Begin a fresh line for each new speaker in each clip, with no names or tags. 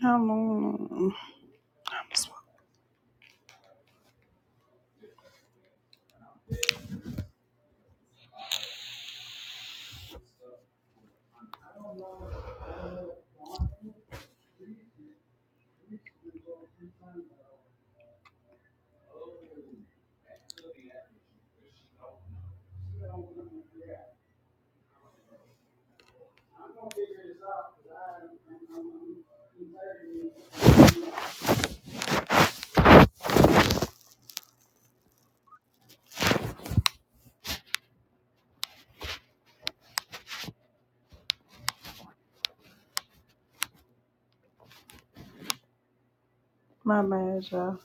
Come on. My bad, y'all.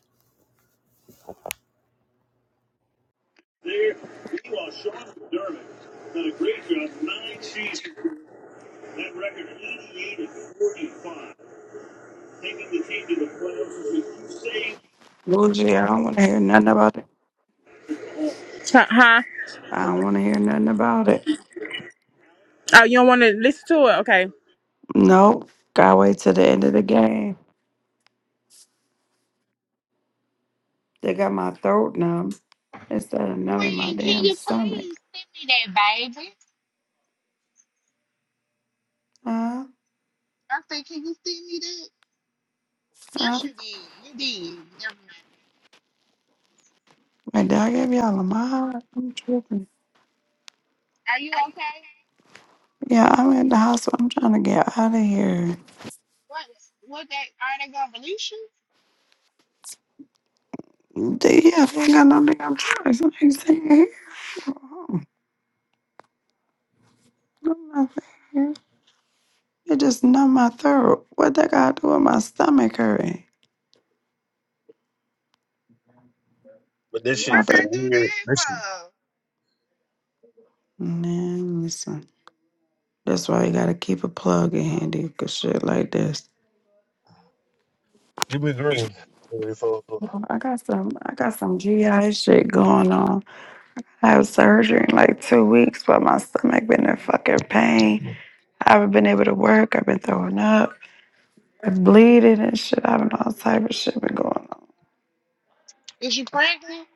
Bougie, I don't want to hear nothing about it.
Huh?
I don't want to hear nothing about it.
Oh, you don't want to listen to it? Okay.
Nope. Gotta wait till the end of the game. They got my throat numb instead of numbing my
Queen, can
damn
you
stomach.
please send me that, baby?
Huh?
I said, can you send me that?
Huh?
Yes, you did. You did. Never mind.
Wait, did I give y'all a mod? I'm tripping.
Are you okay?
Yeah, I'm at the hospital. I'm trying to get out of here.
What? What they? Are they gonna release you?
D- Yeah, they ain't got no damn choice. I ain't staying here. I'm not staying here. It just numb my throat. What that got to do with my stomach hurting?
But this
What
shit feel
they do
weird.
that
This shit,
for?
Man, listen. That's why you gotta keep a plug in handy cause shit like this.
you be green.
I got some I got some GI shit going on. I have surgery in like two weeks, but my stomach been in fucking pain. I haven't been able to work. I've been throwing up. I'm bleeding and shit. I've been all type of shit been going on.
Is you pregnant?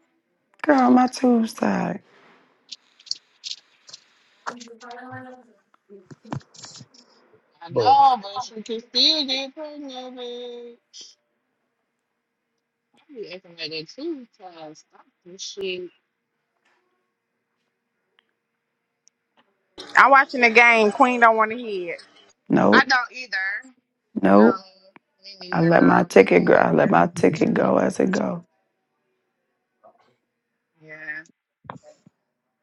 Girl, my tube side.
I
Bro,
know, but you can still get pregnant. bitch. I be acting like that too. Cause stop this shit.
I'm watching the game. Queen don't want to hear it.
I
Nope.
don't either.
Nope.
No, me
I
neither,
let my
girl. Me
ticket go.
neither.
I let my ticket go as it go.
Yeah,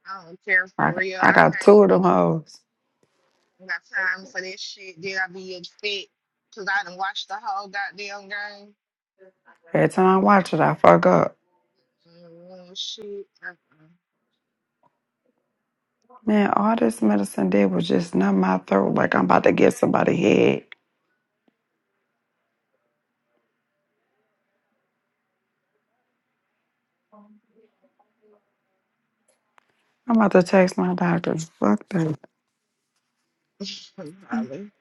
I don't care for
I,
real.
I
I
got
can't.
two of them hoes.
I got time for this shit. Did I be upset? Cause I done watched the whole goddamn game.
Every time I watch it, I fuck up.
Mm, shit. Uh-uh.
Man, all this medicine did was just numb my throat like I'm about to give somebody head. I'm about to text my doctor. Fuck that.
Probably.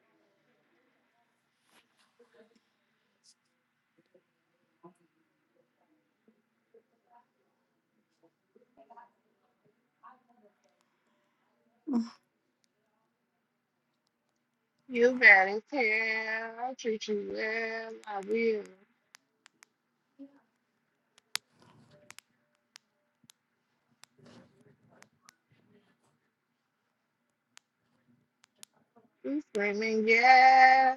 You better tell. I treat you well. I will. You screaming, yeah.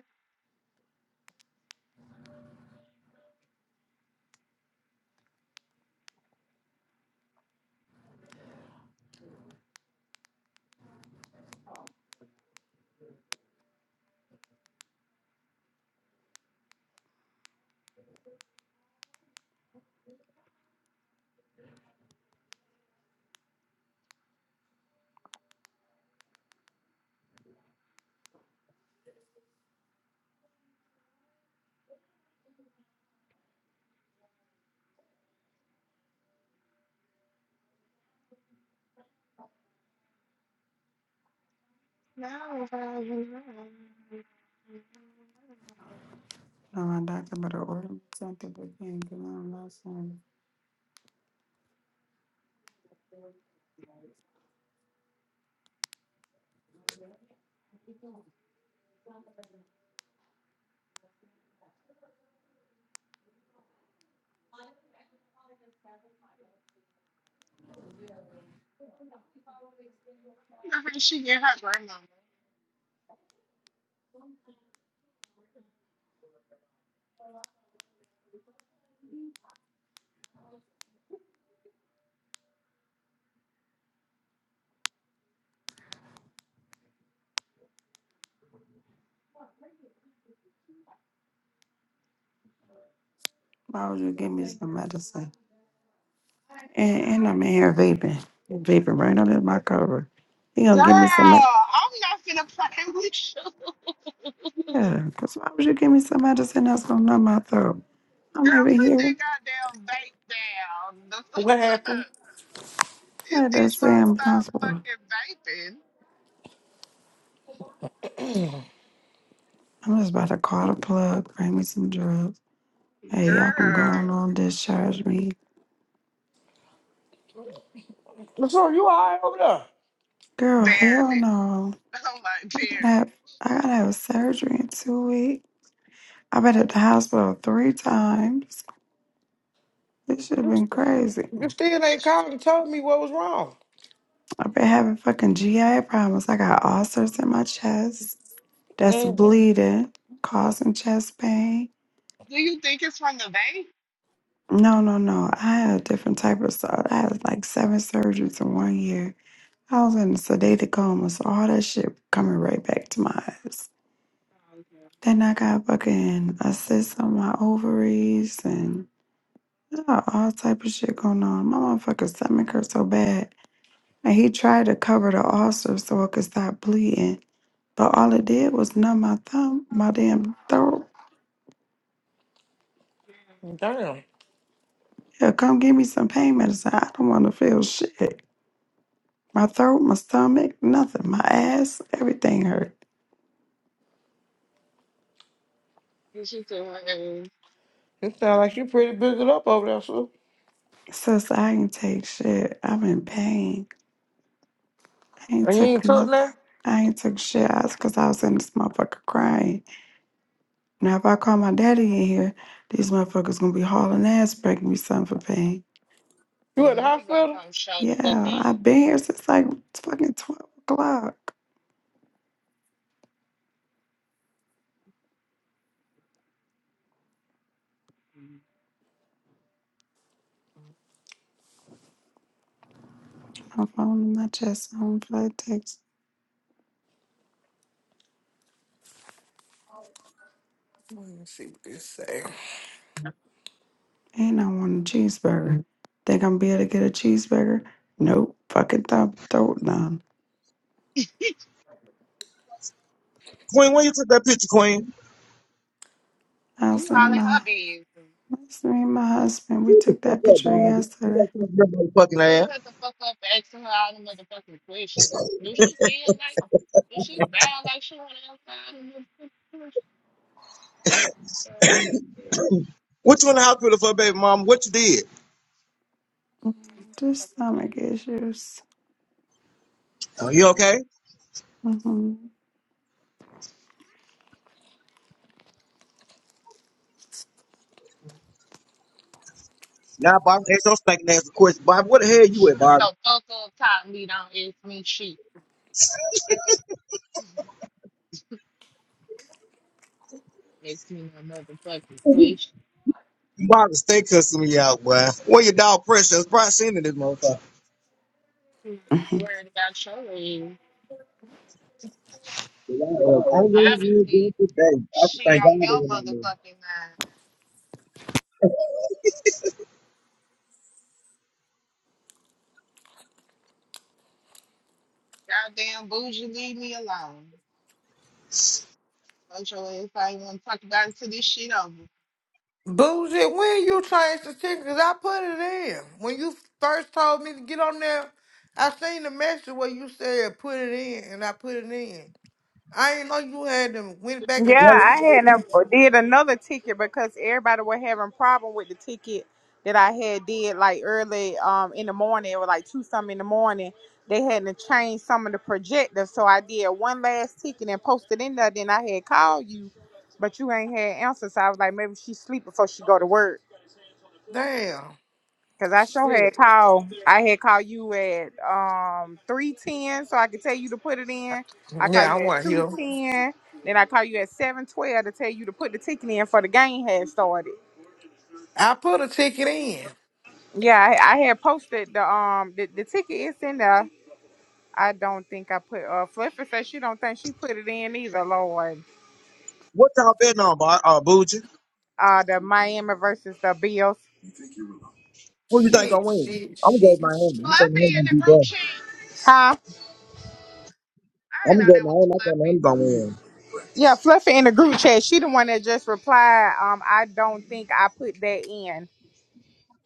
No, I will not.
No, my doctor better order me something but can't get on medicine.
I think she get her grandmama.
Why would you give me some medicine? And, and I'm in here vaping. Vaping right under my cover. He gonna
Girl,
give me some med-
I'm not gonna play with you.
Yeah,
Girl,
because why would you give me some medicine that's gonna numb my throat? I'm over
put
here.
that goddamn vape down. The
What
fuck?
happened?
This
Like they
bitch
say
won't
I'm
stop
hospital.
fucking vaping.
I'm just about to call the plug, bring me some drugs. Hey, y'all can go on,
Girl,
on discharge me.
So you all right over there?
Girl, hell
barely.
no.
I'm like,
I gotta
barely.
have I gotta have surgery in two weeks. I've been at the hospital three times. This should have
You
been
st-
crazy.
you still ain't
Which
called and told me what was wrong.
I've been having fucking GI problems. I got ulcers in my chest that's
Mm.
bleeding, causing chest pain.
do you think is from the vape?
No, no, no. I had a different type of stuff. I had like seven surgeries in one year. I was in a sedated coma, so all that shit coming right back to my eyes.
Oh, okay.
Then I got fucking a cyst on my ovaries and I got all type of shit going on. My motherfucker stomach hurt so bad. And he tried to cover the ulcer so it could stop bleeding. But all it did was numb my thumb, my damn throat.
Damn.
Yeah, come give me some pain medicine. I don't want to feel shit. My throat, my stomach, nothing. My ass, everything hurt.
And She said, hey,
It sounds like you pretty boogered up over there, sir.
Sis, I ain't take shit. I'm in pain. I ain't
And you
took
ain't took
nothing.
now?
I ain't took shit. That's because I was in this motherfucker crying. Now, if I call my daddy in here, these motherfuckers gonna be hauling ass, breaking me something for pain.
You at the
yeah, we gonna
hospital?
come show the fuck
Yeah,
out.
I've been here since like fucking 12 o'clock. My phone in my chest, on flight text,
Let me see what this say.
and I want a cheeseburger. Think I'm be able to get a cheeseburger? Nope, fucking throat, throat numb.
Queen, when you took that picture, Queen?
I
You all
seen
in her
my,
business.
I seen my husband. We
Shut the
took
fuck
that
up,
picture
Bobby. You got
yesterday.
something in your motherfucking ass.
Shut the fuck up asking her all the motherfucking questions. Do she feel like, do she sound like she wanna answer all the motherfucking questions? Shut her ass up.
What you in the hospital for, baby mama? What you did?
Mm,
Your
Just
motherfucking
stomach
business.
issues.
Are you okay?
hmm
Now, Bobby, ask those stinking ass a question. Bobby, what the hell you at,
Shut
Bobby?
the fuck up, top me, don't ask me shit. Makes me a motherfucking question.
Bobby, stay cussing me out, boy. Where your dog precious? probably seen in this motherfucker.
Who's worried about your
Yeah, I am. I'm really
Obviously,
good today. I just
she
thank
on
God
your
they went on there.
motherfucking mind. Goddamn bougie, leave me alone. Told your ass I ain't want to talk about it till this shit over.
Boozy, when you changed the ticket, 'cause I put it in. When you first told me to get on there, I seen the message where you said put it in, and I put it in. I ain't know you had them went back
Yeah,
and
Yeah, let me
I
changed.
tell
had
you,
a, did another ticket because everybody was having problem with the ticket that I had did like early um in the morning. It was like two something in the morning. They had to change some of the projectors, so I did one last ticket and posted in there. Then I had called you, but you ain't had answers. So I was like, maybe she sleep before she go to work.
Damn.
Cause I sure had
Shit.
called. I had called you at um three ten, so I could tell you to put it in. I called
Yeah, I
you at
want to
two
hear.
ten, then I called you at seven twelve to tell you to put the ticket in for the game had started.
I put a ticket in.
Yeah, I, I had posted the um the, the ticket is in there. I don't think I put uh Flipper says she don't think she put it in either, Lord.
What y'all betting on, Bob? Uh, Boogie?
Uh the Miami versus the Bills.
Who you think gonna
Shit,
win?
shit,
I'm gonna go with
shit,
Miami. I think
shit.
Fluffy
Miami
in
gonna be
the group
better.
chat.
Huh?
I didn't
I'm gonna
know
go with
that was
Miami. I think Miami
Fluffy.
gonna win.
Yeah, Fluffy in the group chat. She the one that just replied, um, I don't think I put that in.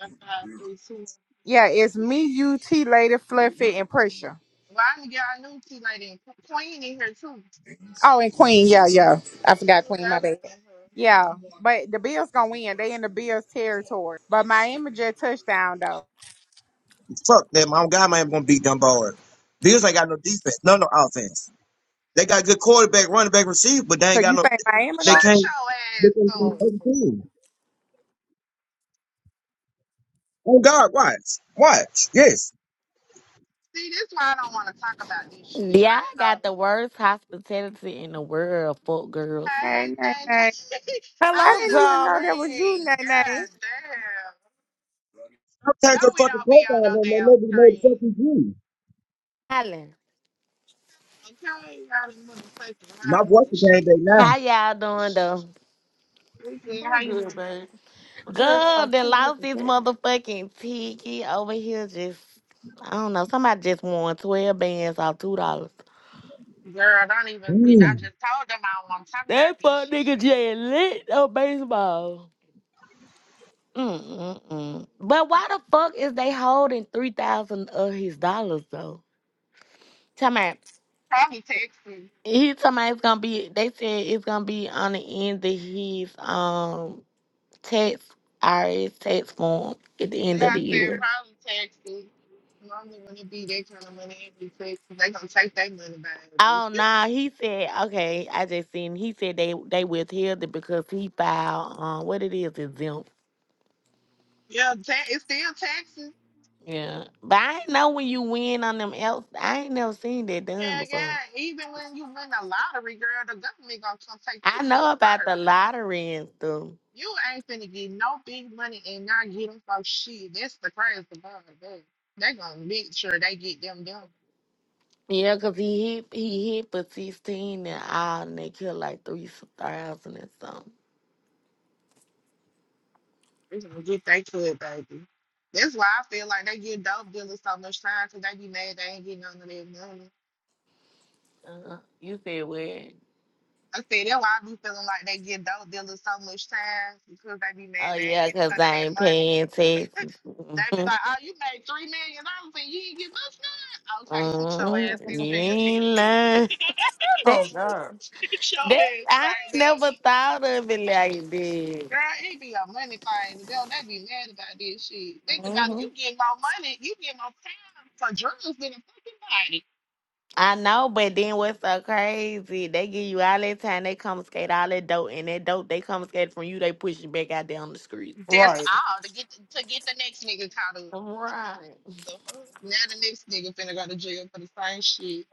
A five, three, two.
Yeah, it's me, you, T Lady, Fluffy, and Pressure.
Well, I knew, yeah, I knew T Lady and Qu- Queen in here too.
Oh, and Queen. Yeah, yeah. I
I
forgot
knew
Queen. My
that was
bad.
in her.
Yeah, but the Bills gonna win. They in the Bills territory. But Miami just touchdown though.
Fuck them. I'm God man gonna beat them boys. Bills ain't got no defense, no no offense. They got good quarterback, running back, receiver, but they
So
ain't got
you
no.
think Miami
They
Shut
gonna?
can't.
your
They can't
ass
stop
up.
other team. Oh God, watch, watch. Yes,
See, this why I don't want to talk about this shit.
Yeah,
I ain't
I got the
holding you.
worst hospitality in the world, fuck girls.
Hey,
Hey, nay,
Nana.
nay.
I
I
Hello,
ain't
didn't
on the
even know
darling.
that was you,
screen.
nay, nay.
God damn. No,
Sometimes am tagging your
we
fucking
don't be on no
profile and they
damn
maybe know the
screen.
fucking you.
Holland.
Okay, y'all the motherfucking
Not
hollering and
watching game day
shit.
now.
How y'all doing though?
Weekend, how
I'm
you doing,
good, baby.
baby?
What you
Girl,
trying to
they
see what
lost this
the
motherfucking ticket over here just I don't know, somebody just won twelve bands off two dollars.
Girl, don't even we I
Damn.
just told them I don't want to talk about
That
these
fuck
shit.
nigga just lit on baseball. Mm-mm-mm. But why the fuck is they holding three thousand of his dollars though? Tell me
Probably texting.
he talking about it's gonna be they said it's gonna be on the end of his um tax IRS tax form at the
Yeah,
end of
I
the
said
year.
probably texting. Normally when it be that kind of money, it be texting. They gonna take their money, baby.
Oh no, he said okay. I just seen he said they they withheld it because he filed um what it is exempt.
Yeah, ta- it's still taxes.
Yeah, but I ain't know when you win on them else. I ain't never seen that done
Hell
before.
yeah. Even when you win the lottery, girl, the government gonna come take they
I
cut
know about the
first.
lottery and stuff.
You ain't finna get no big money and not get them for shit. That's the crazy part. They, they gonna make sure they get them done.
Yeah, cause he hit he hit for sixteen and all, and they killed like three thousand and something.
They gonna get they cut, baby. That's why I feel like they give dope dealers so much time 'cause they be mad they ain't getting none of their money.
Uh, you said where?
I said that's why I be feeling like they give dope dealers so much time because they be
Oh
mad they ain't
yeah,
getting a
cause
cut of
I
their
ain't
money.
paying taxes.
They be like, oh, you made three million dollars and you didn't give us none. Okay, sit your
hell?
ass
Mm,
in
you
jail,
ain't
bitch.
lying. That,
Oh God.
Sit your
that,
ass
I
right
ain't
now.
never thought of it like that.
Girl, it be a money thing. They they be mad about this shit. Think
mm
about it.
hmm
You get more money, you get more time for drugs than a fucking body.
I know, but then what's so crazy? They give you all that time, they come skate all that dope, and that dope they come skate from you, they push you back out there on the streets.
That's
Right.
all to get to get the next nigga caught up.
Right.
the fuck? Now the next nigga finna go to jail for the same shit.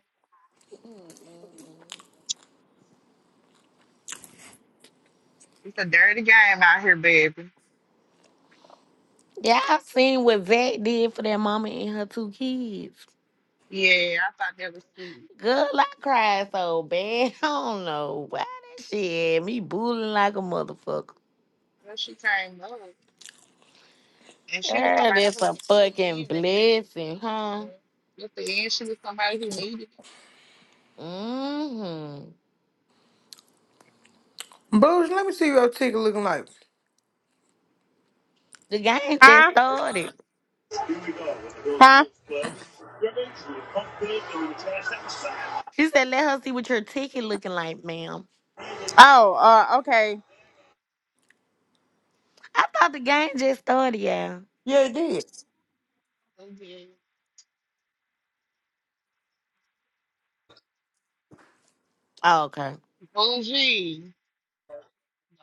It's a dirty game out here, baby.
Yeah, I've seen what Zach did for that mama and her two kids.
Yeah, I thought that was sweet.
Girl, I cried so bad. I don't know why that shit had me booing like a motherfucker.
Well, she came up. And she was
Girl,
somebody
that's
who
a
who
fucking
needed it.
blessing, huh?
Mm. At the end, she was somebody who needed it.
Mm-hmm.
Booge, let me see your ticket looking like.
The game just
Huh?
started.
Huh?
She said, let her see what your ticket looking like, ma'am.
Oh, uh, okay.
I thought the game just started, yeah.
Yeah, it did.
Okay.
Oh, okay.
Bougie.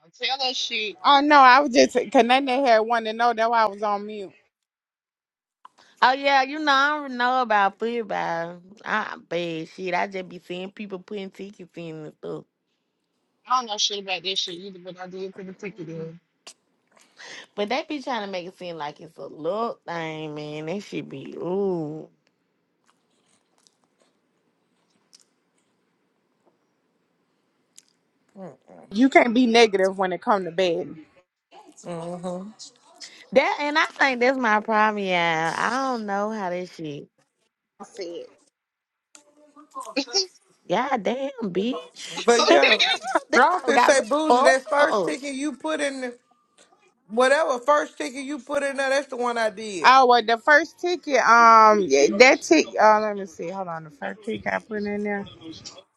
Don't tell her shit.
Oh no, I was just cause Nene had wanted to know that why I was on mute.
Oh, yeah, you know, I don't know about football. I bad shit. I just be seeing people putting tickets in and stuff.
I don't know shit about this shit either, but I did put the ticket in.
But they be trying to make it seem like it's a little thing, man. That should be, ooh.
You can't be negative when it come to bed.
Mm-hmm.
That, and I think that's my problem, yeah. I don't know how that shit.
That's it.
God damn, bitch.
But
Okay.
yeah,
This
I
all
can
got
say
me
Booge,
fucked
that
up.
first ticket you put in, the, whatever first ticket you put in there, that's the one I did.
Oh well, the first ticket, um, yeah, that ticket. Uh, let me see. Hold on, the first ticket I put in there.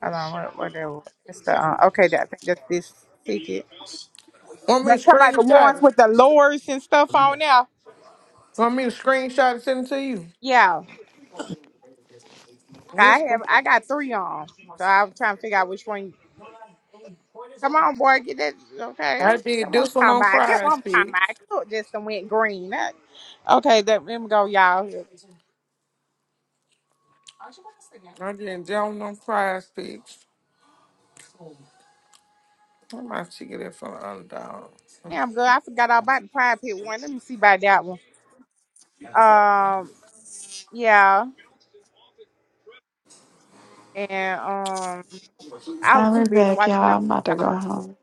Hold on, what, what that was? That's the uh, okay. That, I think that's this ticket.
Want
That
me to
talking about the
screenshot
ones
it?
with the lures and stuff on there.
Want me to screenshot and send it to you?
Yeah, I
Yes.
have. I got three on, so I'm trying to figure out which one. Come on, boy, get that. Okay,
I did
that's what I'm
this one
talking
on
about. That's what
Prize
I'm talking about. I
Picks.
could just done went green. That- okay, that, let me go, y'all. yeah,
I did that one on Prize Picks. I might should get it from Underdog.
Damn good. I forgot all about the pride pit one. Let me see about that one. Um, yeah. and um, I was too
I'll be
busy
back,
watching the
y'all. I'm about to
underdog.
go home.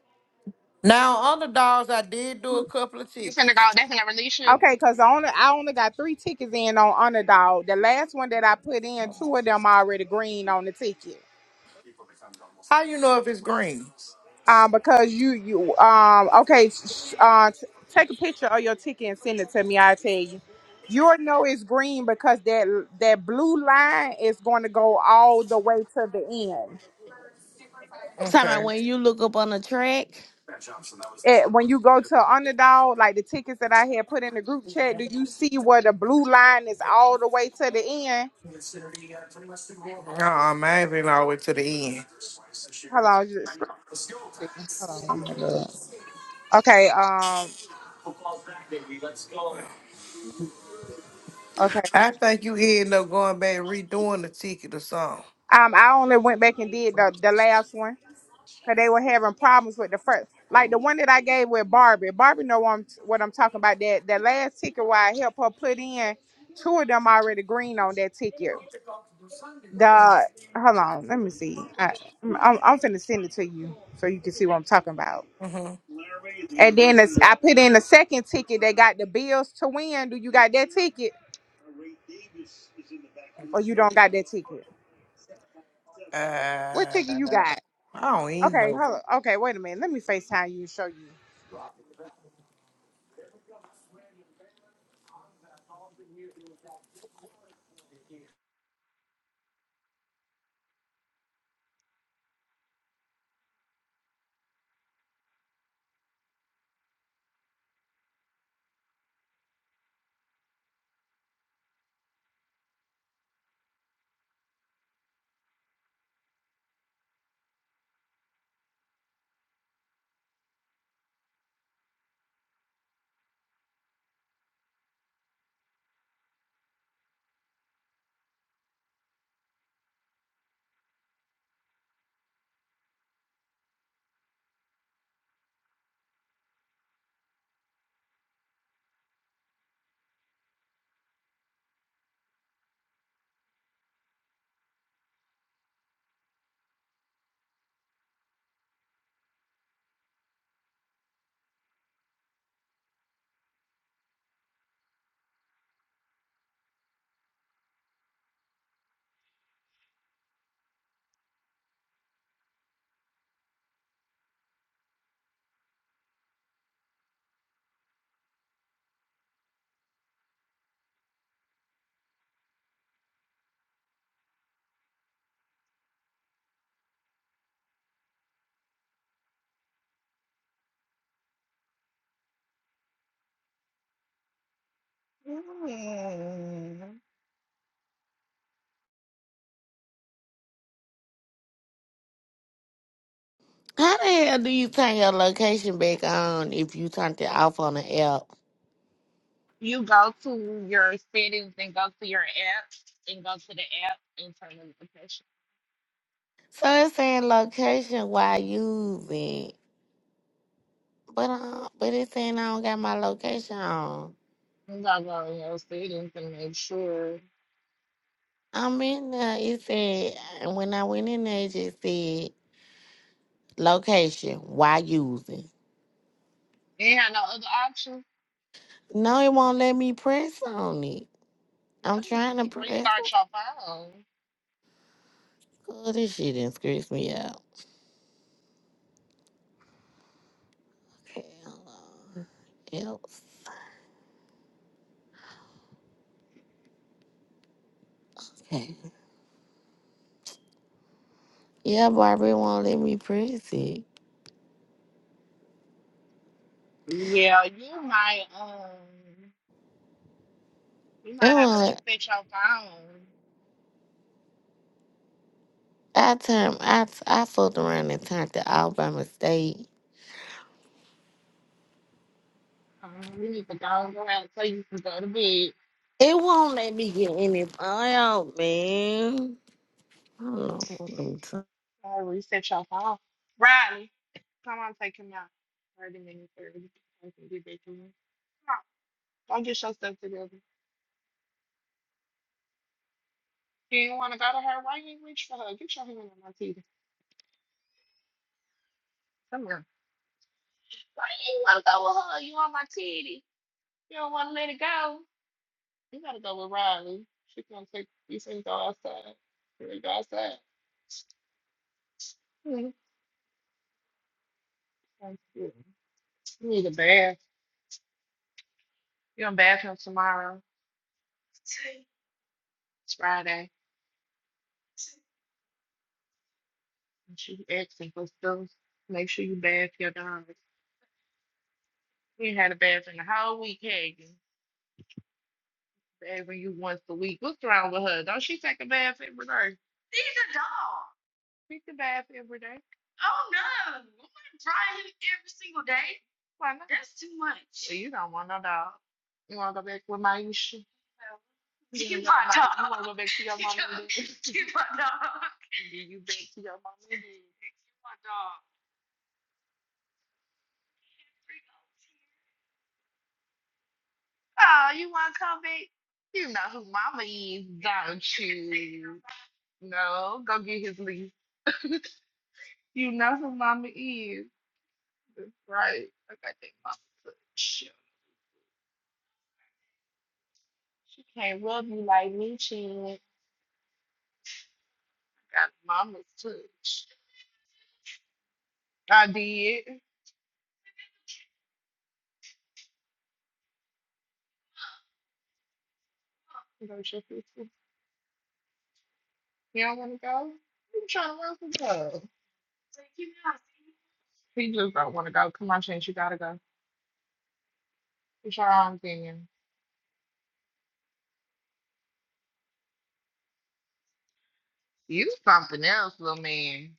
Now, Underdogs, I did do a couple of
you finna go,
tickets.
they finna release you.
Okay, cause I only I only got three tickets in on underdog. The last one that I put in, two of them already green on the ticket.
How you know if it's green?
Um, because you you um okay, s- uh, t- take a picture of your ticket and send it to me. I'll tell you. You'll know it's green because that that blue line is going to go all the way to the end.
I'm Talking
Okay.
about when you look up on the track,
at, when you go to Underdog, like the tickets that I had put in the group chat, do you see where the blue line is all the way to the end?
Uh-uh, mine been all the way to the end.
Hold on, just hold on. okay. Um, okay.
I think you end up going back and redoing the ticket or something.
Um, I only went back and did the the last one because they were having problems with the first, like the one that I gave with Barbie. Barbie know what I'm, what I'm talking about. That the last ticket where I helped her put in, two of them already green on that ticket.
Mm.
The hold on, let me see. I, I'm I'm finna send it to you so you can see what I'm talking about.
hmm
And then the, I put in the second ticket. They got the Bills to win. Do you got that ticket? Or you don't got that ticket? What
Uh,
ticket you got?
I don't even
Okay,
know.
hold on. Okay, wait a minute. Let me FaceTime you and show you.
Mm.
how the hell do you turn your location back on if you turned it off on the app?
You go to your settings and go to your app and go to the app and turn on the application.
So it's saying location while using, but uh, but it's saying I don't got my location on.
You gotta go in your settings and make sure.
I'm in there. It said and when I went in there, it just said location while using.
You ain't have no other option.
No, it won't let me press on it.
No,
I'm
you
trying
just
to press.
restart your phone.
Oh, this shit didn't scratch me out. else. Okay. Yeah, Barbie won't let me press it. It
Yeah, you might um you might have to
won't.
reset your phone.
I turned. I I fucked around and turned it off by mistake.
Um, you need to go and go out so you can go to bed.
It won't let me get any oil, man. I don't know. what I'm t-
Uh, reset your phone. Riley, come on, take him out. Thirty minutes early. I can get back to him. Come on, go get your stuff together. You did want to go to her. Why you ain't reach for her? Get your hand on my titty. Come here. Why you want to go with her? You on my titty. You don't want to let it go. You gotta go with Riley. She gonna take. You said go outside. Here we go outside. Mhm. Sounds good. You need a bath. You're in the bathroom tomorrow. It's Friday. And she you asking for stuff. Make sure you bath your dog. You ain't had a bath in the whole week, had you? Bathing you once a week. What's wrong with her? Don't she take a bath every day? She's a dog. She take a bath every day. Oh no! I'm gonna dry him every single day. Why not? That's too much. So you don't want no dog. You want to go back with Maisha? No, Keep on dog. You want to go back to your mama and daddy? Keep on dog. Then you back to your mama and daddy. Keep on dog. Oh, you want to come back? You know who mama is, don't you? No, go get his leash. You know who mama is, right? I got that mama touch. She can't rub you like me, she ain't got mama's touch. I did. Go check this. You don't want to go? You trying to run some dog? He just don't want to go. Come on, Chance, you gotta go. It's your own opinion. You something else, little man.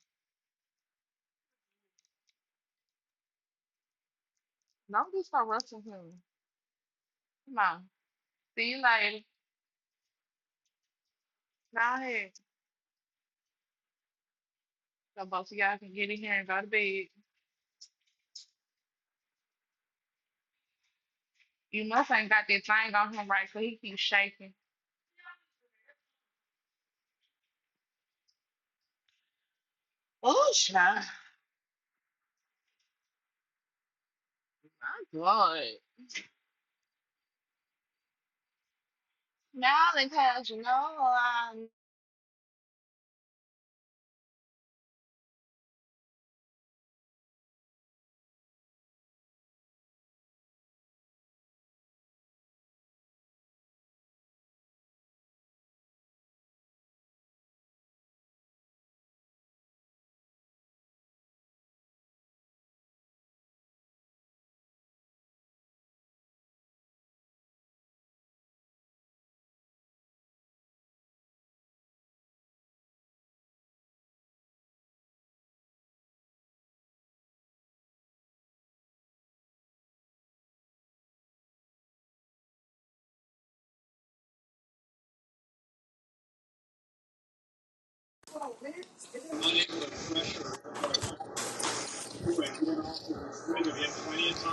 Don't be so rough to him. Come on. See you later. Go ahead. So both of y'all can get in here and go to bed. You must ain't got that thing on him right, so he keeps shaking. Oh, child. My God. Now they tells you no, um,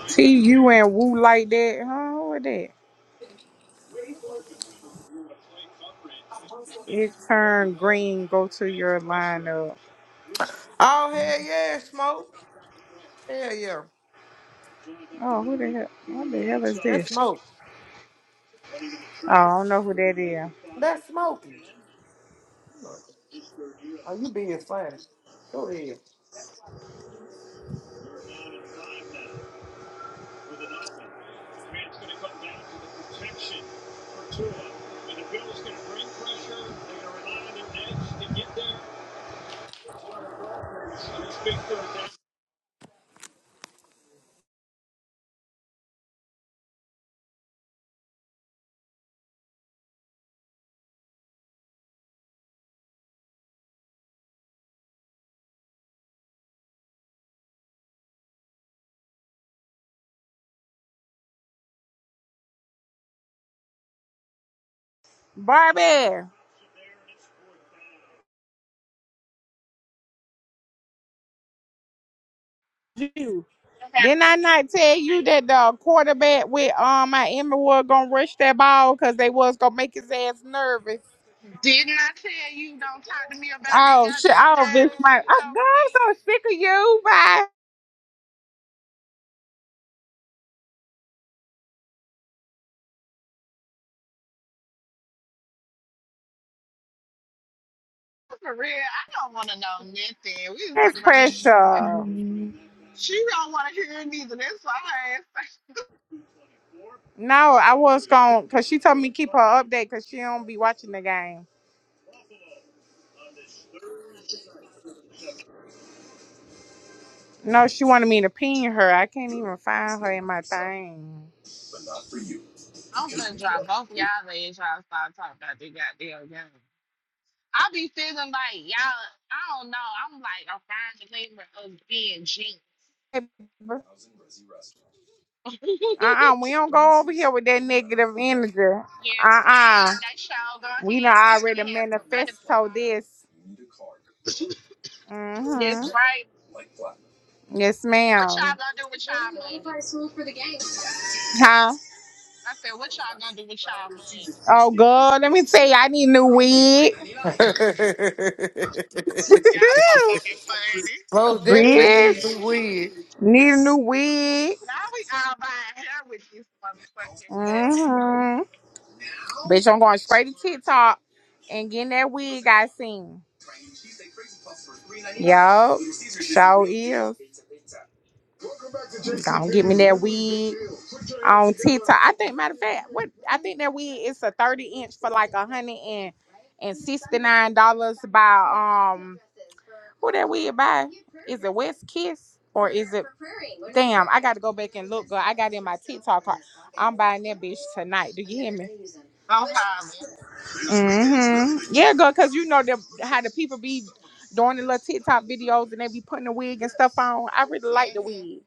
See you and Woo like that. Huh? Who is that? It turned green. Go to your lineup.
Oh, hell yeah, smoke. Hell yeah.
Oh, who the hell? What the hell is
That's
this?
smoke.
Oh, I don't know who that is.
That's smoking. Oh, you being funny. Go ahead.
Barbie.
what
Didn't
happened?
I not tell you that the quarterback with um my Emma was gonna rush that ball because they was gonna make his ass nervous?
Didn't I tell you don't talk to me about this
Oh shit!
goddamn
Oh bitch,
game
my
since
oh,
I'm week?
God, I'm so sick of you, bye.
For real, I don't want to know nothing. We was talking
That's
about that shit.
pressure.
Mhm.
She don't want to hear it either. That's why her ass. like,
No, I was gonna cause she told me keep her update cause she don't be watching the game. No, she wanted me to pin her. I can't even find her in my thing.
I'm gonna drop both y'all and Y'all start talking about this goddamn game. I be feeling like y'all. I don't know. I'm like a fine believer of being genuine.
Uh uh we don't go over here with that negative energy.
yes,
Uh uh
ma'am. That y'all go
we done
ahead. We finna
already
have some money
manifesto
tomorrow.
this.
That's
Mm-hmm.
right.
Yes,
What y'all
ma'am.
gonna do with y'all money?
Huh?
I said, what y'all gonna do with y'all money?
Oh, God, let me tell you, I need a new wig.
Y'all so fucking funny.
Most definitely needs some
Bitch,
weed.
need a new wig.
Now we all buying hair with this motherfucking money.
hmm Bitch, I'm going straight to TikTok and getting that wig I seen. Yup, show is. Gonna get me that wig on TikTok. I think, matter of fact, what I think that wig is a 30 inch for like a hundred and and sixty nine dollars by um who that wig by? Is it West Kiss or is it? Damn, I got to go back and look. Girl, I got in my TikTok cart. I'm buying that bitch tonight. Do you hear me?
Oh, holla.
hmm Yeah, girl, cause you know them how the people be doing the little TikTok videos and they be putting the wig and stuff on. I really like the
hmm
wig,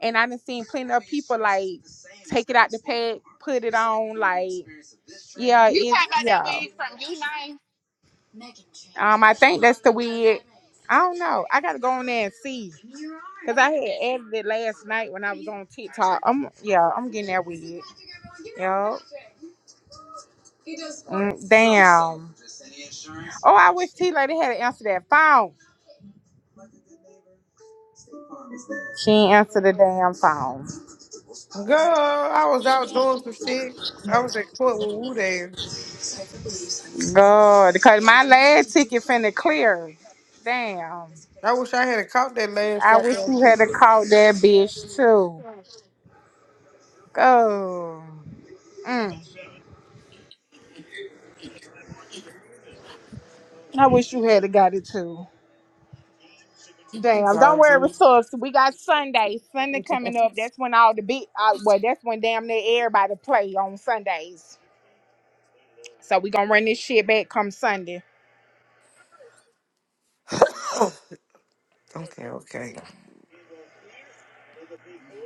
and I done seen plenty of people like take it out the pad, put it on. Like, yeah,
You
it's
talking about that
yeah.
weed from you nine?
Um, I think that's the wig. I don't know. I gotta go on there and see. Cause
Let
I
me
had
see.
added it last night when I was on TikTok. I'm yeah, I'm getting there with it. Yo. Mm, damn. Oh, I wish T Lady had to answer that phone. She ain't answer the damn phone.
Girl, I was out doing some shit. I was at court with Wu Dang.
God, because my last ticket finna clear. Damn.
I wish I had caught that last
I wish
goddamn
you had
shit.
to call that
That'd
bitch
be
too.
fun.
Go. Mm. I wish you had to got it too. Damn, don't worry, resource. We got Sunday. Sunday coming up. That's when all the big, uh, well, that's when damn near everybody play on Sundays. So we gonna run this shit back come Sunday.
Okay, okay.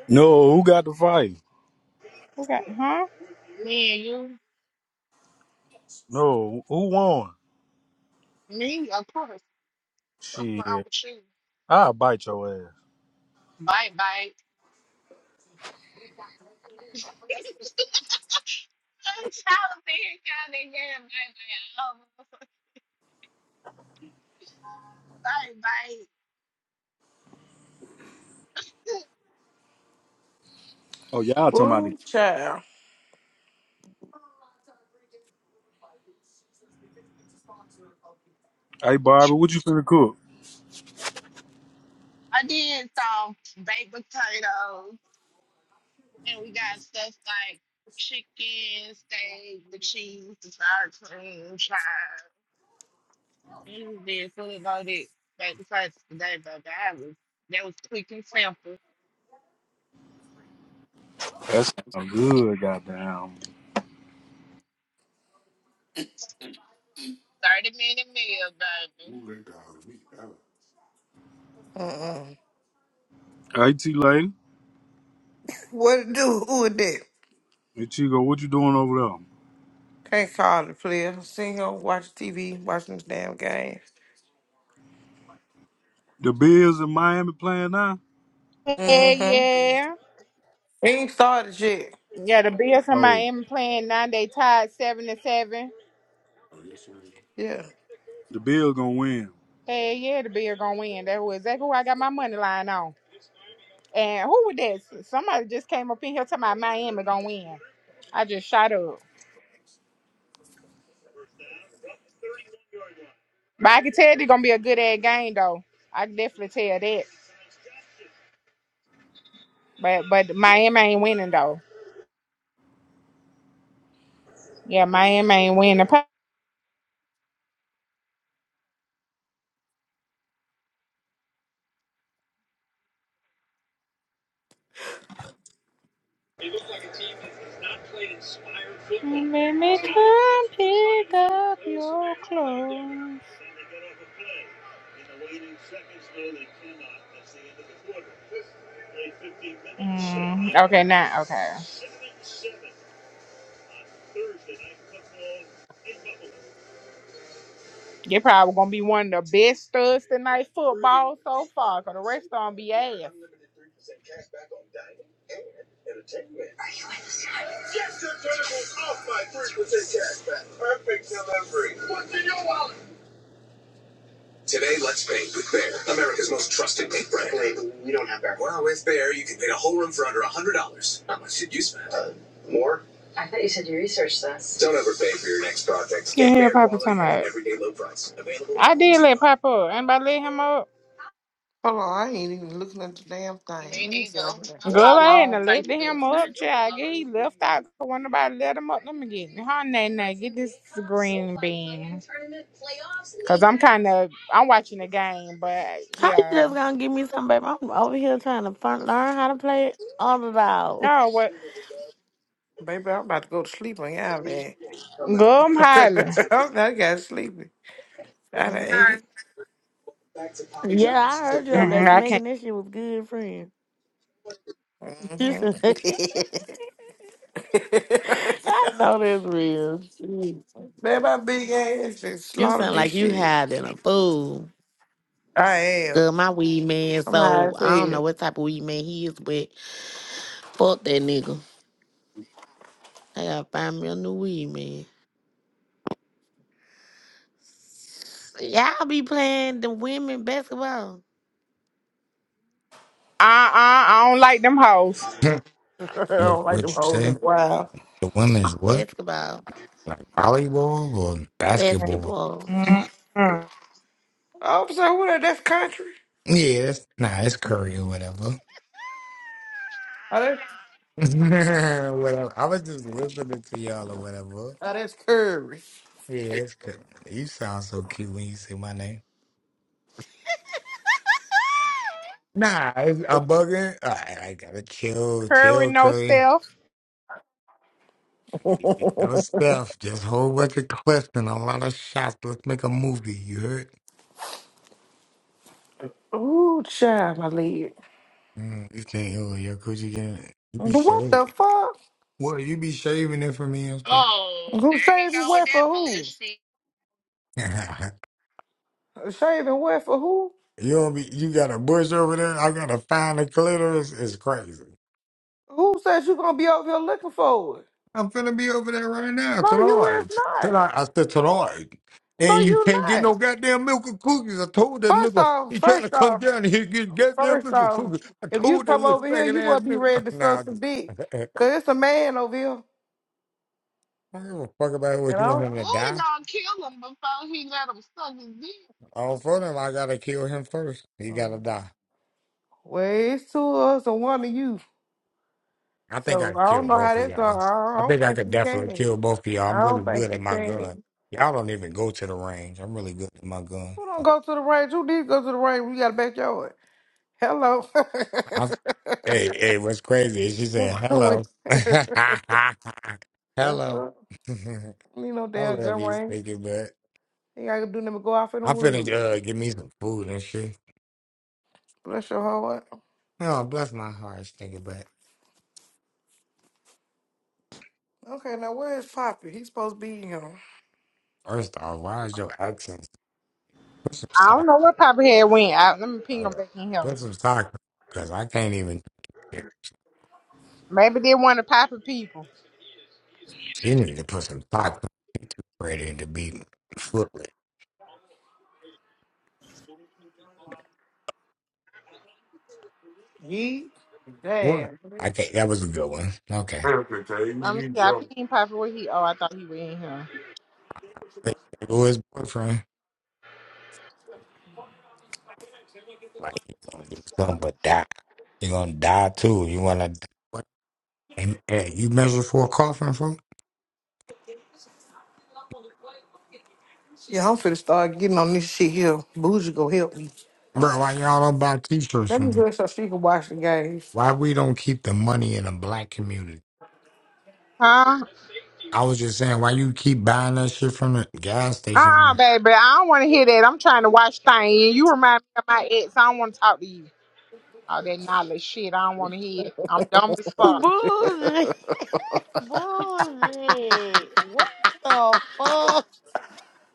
No, who got the fight?
Okay, huh?
Me and you.
No, who won?
Me, of course. What's wrong
Shit,
with you?
I'll bite your ass.
Bite, bite. I'm trying to think kind of yeah, bite, bite. Oh, bite, bite.
Oh, y'all talking about it.
Ooh, child.
Hey, Bobby, what you finna cook?
I did some baked potatoes, and we got stuff like chicken, steak, the cheese, the sour cream, chives. He was there fully loaded right besides today, baby. I was that was quick and simple.
That sound good, goddamn.
Thirty minute meal, baby.
Mm-mm.
Hey, T Lady.
What to do with that?
Hey, Chico, what you doing over there?
Can't call the player. Sitting here watching TV, watching this damn game.
The Bills in Miami playing now?
Yeah,
Mm-hmm.
Mm-hmm.
yeah.
Ain't started yet.
Yeah, the Bills in
Oh,
Miami playing nine. They tied seven to seven.
Yeah.
the Bills gonna win.
Hell yeah, the Bills gonna win. That was exactly where I got my money line on. And who was that? Somebody just came up in here talking about Miami gonna win. I just shot up. But I can tell they're gonna be a good ass game though. I can definitely tell that. But but Miami ain't winning though. Yeah, Miami ain't winning. Pa- Let me come pick up your clothes. Mm, okay, now okay. They probably gonna be one of the best studs tonight football so far. Cause the rest of them be ass. I thought you said you researched this. You hear Papa come out. I did let Papa up. Anybody let him up?
Hold on, I ain't even looking at the damn thing. Let
Me
me get
neither.
see.
Go
I'm
ahead
all on
and let
Facebook.
him up, child. Get he left out. When nobody let him up, let me get her name. Now get this green bean, cause I'm kind of I'm watching the game, but
How you
yeah.
just gonna give me some, baby? I'm over here trying to fun, learn how to play underdog.
No, what?
Baby, I'm about to go to sleep on y'all, man.
Go I'm highly.
I'm not got sleepy. I done
Mm-hmm.
ate.
Yeah, I heard you over there
Mm-mm, I can't.
smacking that shit was good, friend. You should-
Mm-hmm.
I know that's real.
man, my big ass just
You
slaughtered
sound
this
like you
shit.
had in a fool.
I am.
Good, my weed man.
I'm high
So
as hell.
I don't know what type of weed man he is, but fuck that nigga. I gotta find me a new weed man. Y'all be playing the women basketball,
Uh uh I don't like them hoes.
I
what,
don't
what
like them
you
hoes
say?
as wild.
The women's what?
basketball,
Like volleyball or basketball?
basketball.
Mm-mm.
Oh, so what? That's country.
Yeah, it's, nah, it's Curry or whatever.
Oh, that,
whatever. I was just listening to y'all or whatever.
oh, that's curry.
Yeah, it's Curry. You sound so cute when you say my name. Nah, it's- I'm bugging. I, I gotta chill,
Curry
chill,
no
Curry.
stale.
No stuff, just whole bunch of clips and a lot of shots. Let's make a movie. You heard?
Ooh, child, my leg.
Mm, you think, oh, your coochie getting you be
What
shaving.
the fuck?
What you be shaving it for me and stuff?
Oh,
Who
there he
shaving
go with
wet
that
for who?
bullshit.
you
Shaving wet for who?
don't be, you got a bush over there. I gotta find the clitoris. It's crazy.
Who says you gonna be over here looking for it?
I'm finna be over there right now
No, you is
tonight.
not.
Tonight, I said tonight.
No,
And you
you
can't get
not.
no goddamn milk and cookies. I told that
First
nigga
off,
he trying to
first
come
off,
down here and get goddamn
first
milk and
off,
cookies. I
if you
told that
come
little
over here,
faggot
you
ass
gonna be
nigga.
ready to
Now I
suck some dick. Cause it's a man over here,
don't give a fuck about
you
what you want
know?
him
Who
to
they
die.
gonna kill him before he let him suck his dick?
All for them, I gotta kill him first. He gotta
Um,
die.
Well, it's two of us and one of you.
I think I
So
can
I don't
kill
know how
both of
that's
y'all.
going. I
I
don't
think I
think
could
you
definitely
can.
kill both of y'all. I'm
I don't
really good
think
at
you
my gun.
can.
Y'all don't even go to the range. I'm really good at my gun.
Who don't go to the range? Who did go to the range? We got a backyard. Hello.
I, hey, hey, what's crazy is she
Who-
said
who
hello.
went- That's
hello.
up. Need no
I
damn
love
gun
you,
range.
Stinky Butt.
You gotta do nothing but go off in the
I'm finna
woods.
uh, give me some food and shit.
Bless your whole heart.
Oh, bless my heart, Stinky Butt.
Okay, now where is Poppy? He's supposed to be here.
First off, why is your accent? Put some
I don't
socks
know what Papa had went. I, let me ping him
on it.
back in here.
Put some socks on, because I can't even get
Maybe they want to Papa people.
You need to put some socks on. Ready to beat footlit?
He?
What?
Damn.
I can't. That was a good one. Okay.
Perfect, hey, we
Let me
need
see,
to
I
go.
pinged Papa where he. Oh, I thought he was in here.
But There go his boyfriend. Like he gonna do something but die. He gonna die too. You wanna? What? And, hey, you measure for a coffin, for
Yeah, I'm finna start getting on this shit here. Bougie go help me.
bro? Why y'all don't buy T-shirts
Let me
from me?
do it so she can watch the games.
Why we don't keep the money in the black community?
Huh?
I was just saying, why you keep buying that shit from the gas
Uh,
station?
uh baby, I don't want to hear that. I'm trying to watch things. You remind me of my ex. I don't want to talk to you. All that knowledge shit. I don't want to hear it. I'm dumb as fuck.
Bougie, bougie. What the fuck?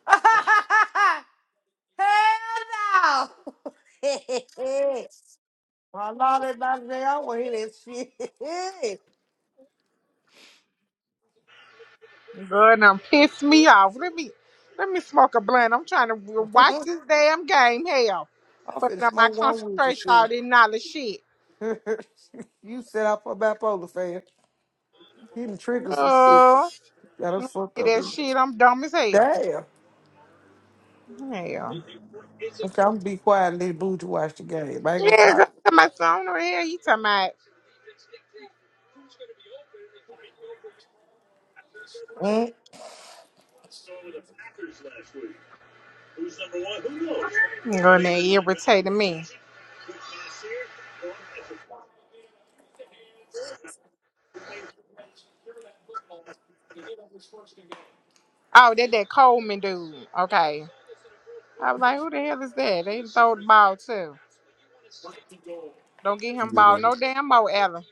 Hell no! My lord, that about day I want to hear that shit.
Good, um, pissed me off. Let me, let me smoke a blunt. I'm trying to w- watch this damn game. Hell,
I'm finna
fucking up my
smoke one with you,
concentration. All
shit.
that knowledge shit.
you set up for bipolar fan. He done tricked us with shit.
Girl,
Got us fucked
hear
up.
that
in-
shit. I'm dumb as hell.
Damn.
Hell.
Okay, I'm gonna be quiet and let Booty watch the game. I ain't gonna
Yeah, I'm
call
talking about some over here. You talking about
you.
girl that irritated me. Oh, that that Coleman dude. Okay. I was like, who the hell is that? They throw the ball too. Don't get him ball no
Mm,
damn more, Ella.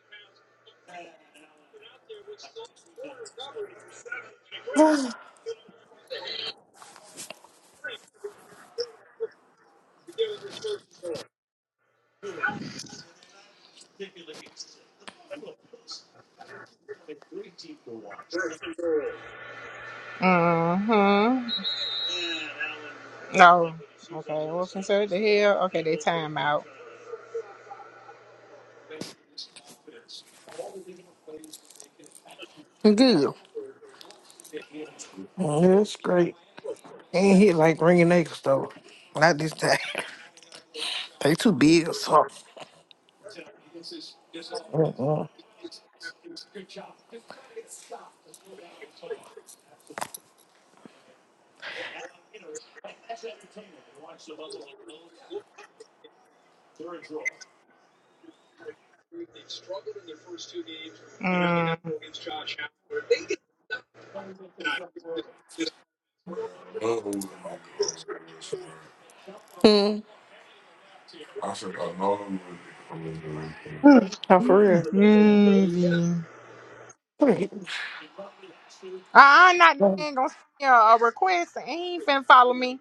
Mm-hmm. No. Okay, what's considered the hell? Okay, they time out.
good. Mm, that's great. They Ain't hit like ringing niggas though. Not this time. they too big or something. Mm-mm.
Mm.
Mm. Oh, for
Mm. Uh, I'm not the man gonna send me a, a request and he ain't finna follow me.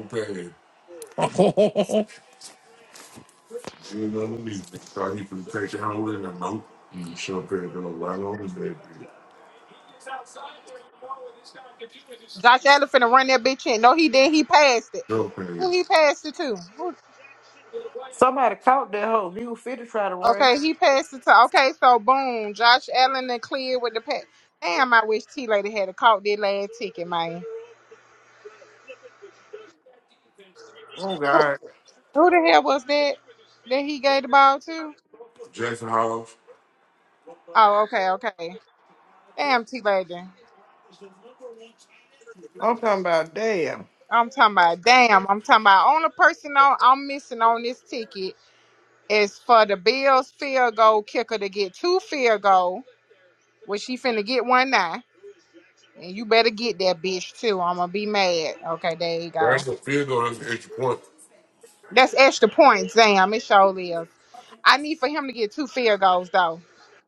real. You know, we thought he could take down with him. Nope. Mm, Sure, paid a lot on his baby.
Josh Allen finna run that bitch in. No, he did. He passed it.
Sure, paid.
Who he passed it to? Who
Somebody caught that hoe. He was fit to try to run.
Okay, he passed it to. Okay, so boom, Josh Allen and clear with the pass. Damn, I wish T Lady had caught that last ticket, man.
Oh, God.
Who the hell was that that he gave the ball to?
Jackson Hollis.
Oh, okay, okay. Damn, T Lady.
I'm talking about damn.
I'm talking about. Damn, I'm talking about. Only person on, I'm missing on this ticket is for the Bills field goal kicker to get two field goal, which he finna get one now. And you better get that bitch too. I'm gonna be mad. Okay, there you go.
That's a field goal. That's an extra point.
That's extra points. Damn, it surely is. I need for him to get two field goals though.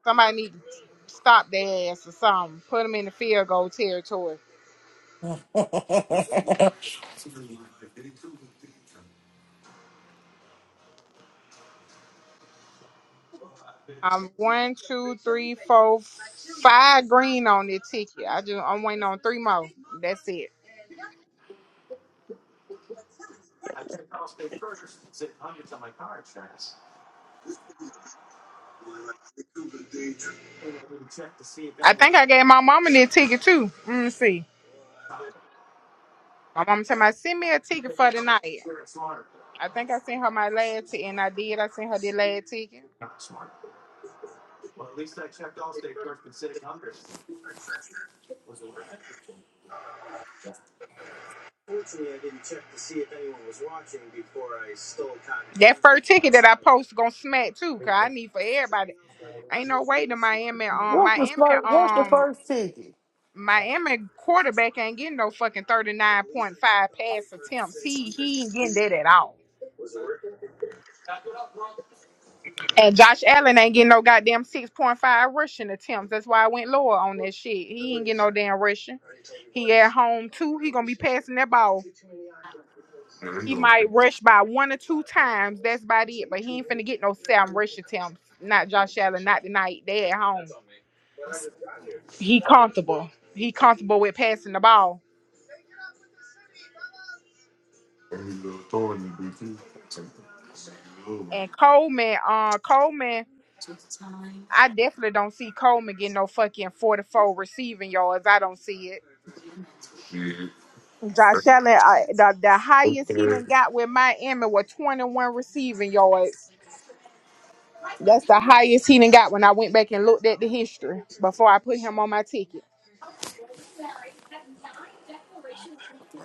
Somebody need to stop their ass or something. Put them in the field goal territory. Um, one, two, three, four, five green on this ticket. I just I'm waiting on three more. That's it. I think I gave my mama this ticket too. Let me see. My mama told me send me a ticket for tonight. I think I sent her my last ticket, and I did. I sent her the last ticket. Fortunately, I didn't check to see if anyone was watching before I stole contact. That first ticket that I post gonna smack too, cause I need for everybody. Ain't no way to Miami. Um,
What's the
Miami.
first? What's the
Um,
first ticket?
Miami quarterback ain't getting no fucking thirty nine point five pass attempts. He he ain't getting that at all. And Josh Allen ain't getting no goddamn six point five rushing attempts. That's why I went lower on that shit. He ain't getting no damn rushing. He at home too. He gonna be passing that ball.
And he
He
gonna pick
might rush by one or two times. That's about it. But he ain't finna get no Sam rush attempts. Not Josh Allen. Not tonight. They at home. He comfortable. He comfortable with passing the ball.
and he gonna throw it in the BT.
And Coleman, uh, Coleman, I definitely don't see Coleman getting no fucking forty-four receiving yards. I don't see it.
Shit.
Josh Allen, uh, the, the highest he done
Okay.
got with Miami was 21 receiving yards. That's the highest he done got when I went back and looked at the history before I put him on my ticket.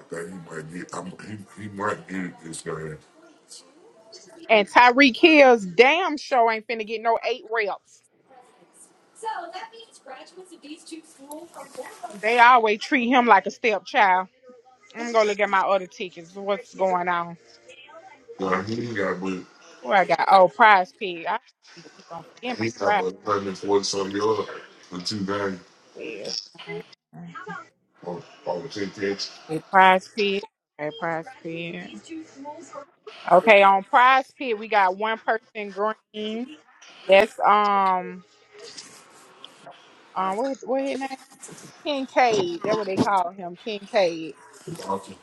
think he might get I'm, he, he might get this guy.
And Tyreek Hill's damn show ain't finna get no eight reps. They always treat him like a stepchild. I'm gonna look at my other tickets. What's going on? Uh,
Yeah, he ain't got but
where I got? Oh, Prize Pig. I keep on forgetting my
He got
Prize
about 140 something yards for 290
Pig.
on, on the 10 catch.
Okay, Prize Pig. Okay, Prize Pig. Okay, on Prize Pig we got one person green. That's um um what what his name? Kincaid. That's what they call him, Kincaid.
Awesome.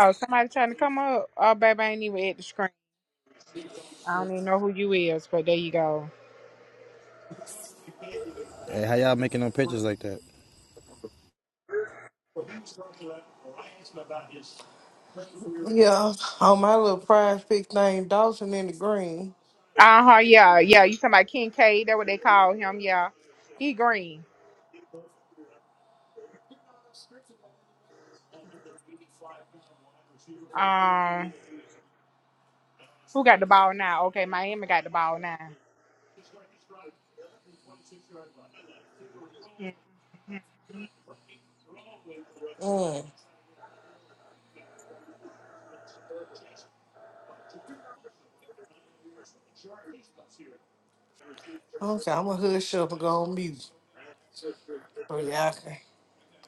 Oh, somebody trying to come up. Oh, baby, I ain't even at the screen. I don't even know who you is, but there you go.
Hey, how y'all making no pictures like that?
Yeah, on my little prize pick thing, Dawson in the green.
Uh huh. Yeah, yeah. You talking about King K? That what they call him? Yeah. He green. Um, who got the ball now? Okay, Miami got the ball now.
Mm. Okay, I'm gonna hush up and go on mute so y'all can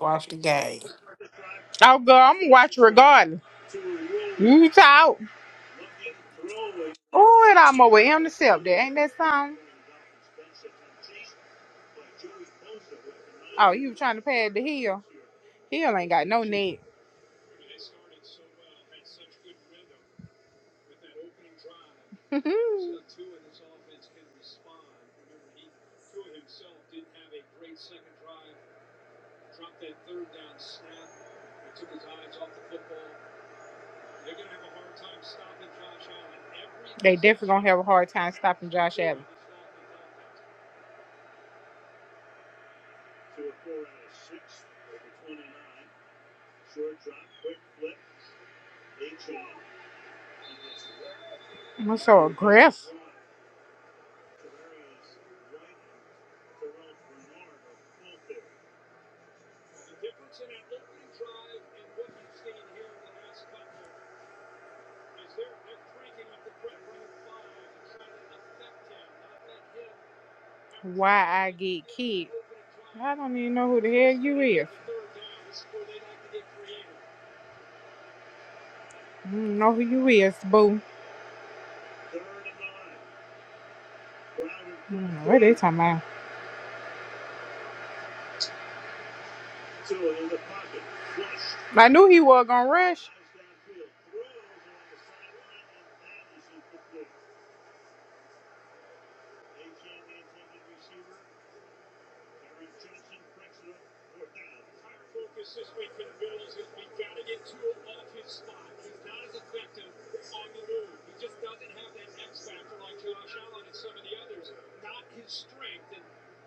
watch the game.
Oh, girl, I'm gonna watch regardless. You talk. Oh, and I'm over intercept there. Ain't that something? Oh, you trying to pad the hill? Hill ain't got no net. they definitely gonna have a hard time stopping Josh Allen. I'm so aggressive. Why I get kicked? I don't even know who the hell you is. I don't know who you is, boo. I don't know What they talking about? I knew he was gonna rush.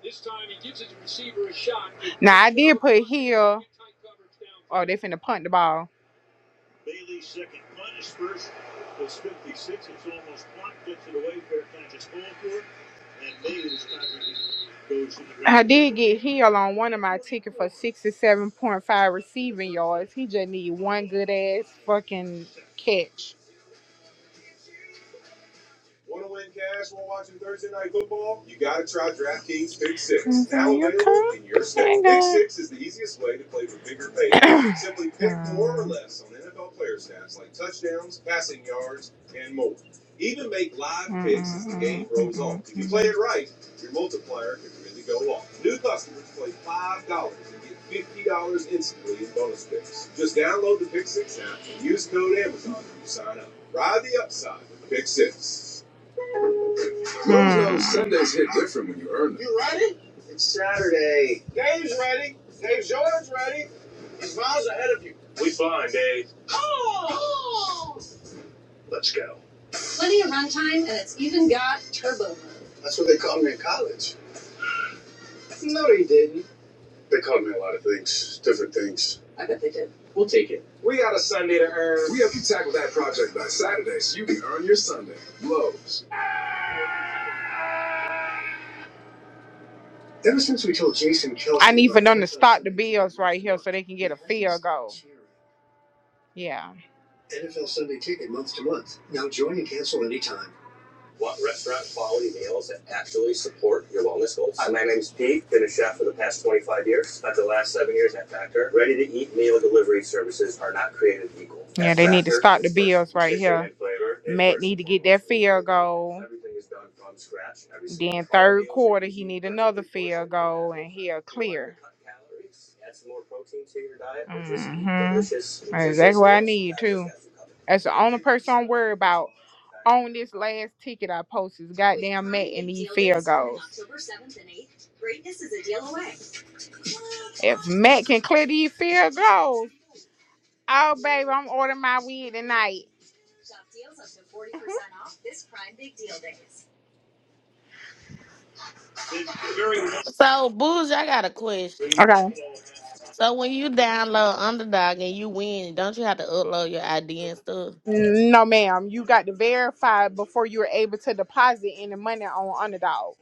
This time he gives his receiver a shot. Now I did put Hill. Oh, they finna punt the ball. I did get Hill on one of my tickets for sixty-seven point five receiving yards. He just need one good ass fucking catch. Want to win cash while watching Thursday Night Football? You got to try DraftKings Pick 6. Now available in your state. Pick 6 is the easiest way to play for bigger payouts. Simply pick more or less on NFL player stats like touchdowns, passing yards, and more. Even make live picks as the game rolls on. If you play it right, your multiplier can really go off. New customers play $5 and get $50 instantly in bonus picks. Just download the Pick 6 app and use code Amazon when you sign up. Ride the upside with Pick 6. Hmm. Sundays hit different when you earn them. Right? We blind, eh? Let's go. That's what they called me in college. They called me a lot of things, different things. We got a Sunday to earn. We help you tackle that project by Saturday so you can earn your Sunday. Lowe's. Ever since we told Jason Kelsey. I need for them to NFL stop the bills right here so they can get a average field goal. Yeah. NFL Sunday ticket month to month. Now join and cancel anytime. Mm-hmm. That's on this last ticket I posted, goddamn Matt and these field goals. If Matt can clear these field goals, oh baby, I'm ordering my weed tonight.
So bougie, I got a question.
Okay.
So when you download Underdog and you win, don't you have to upload your ID and stuff?
No, ma'am. You got to verify before you're able to deposit any money on Underdog.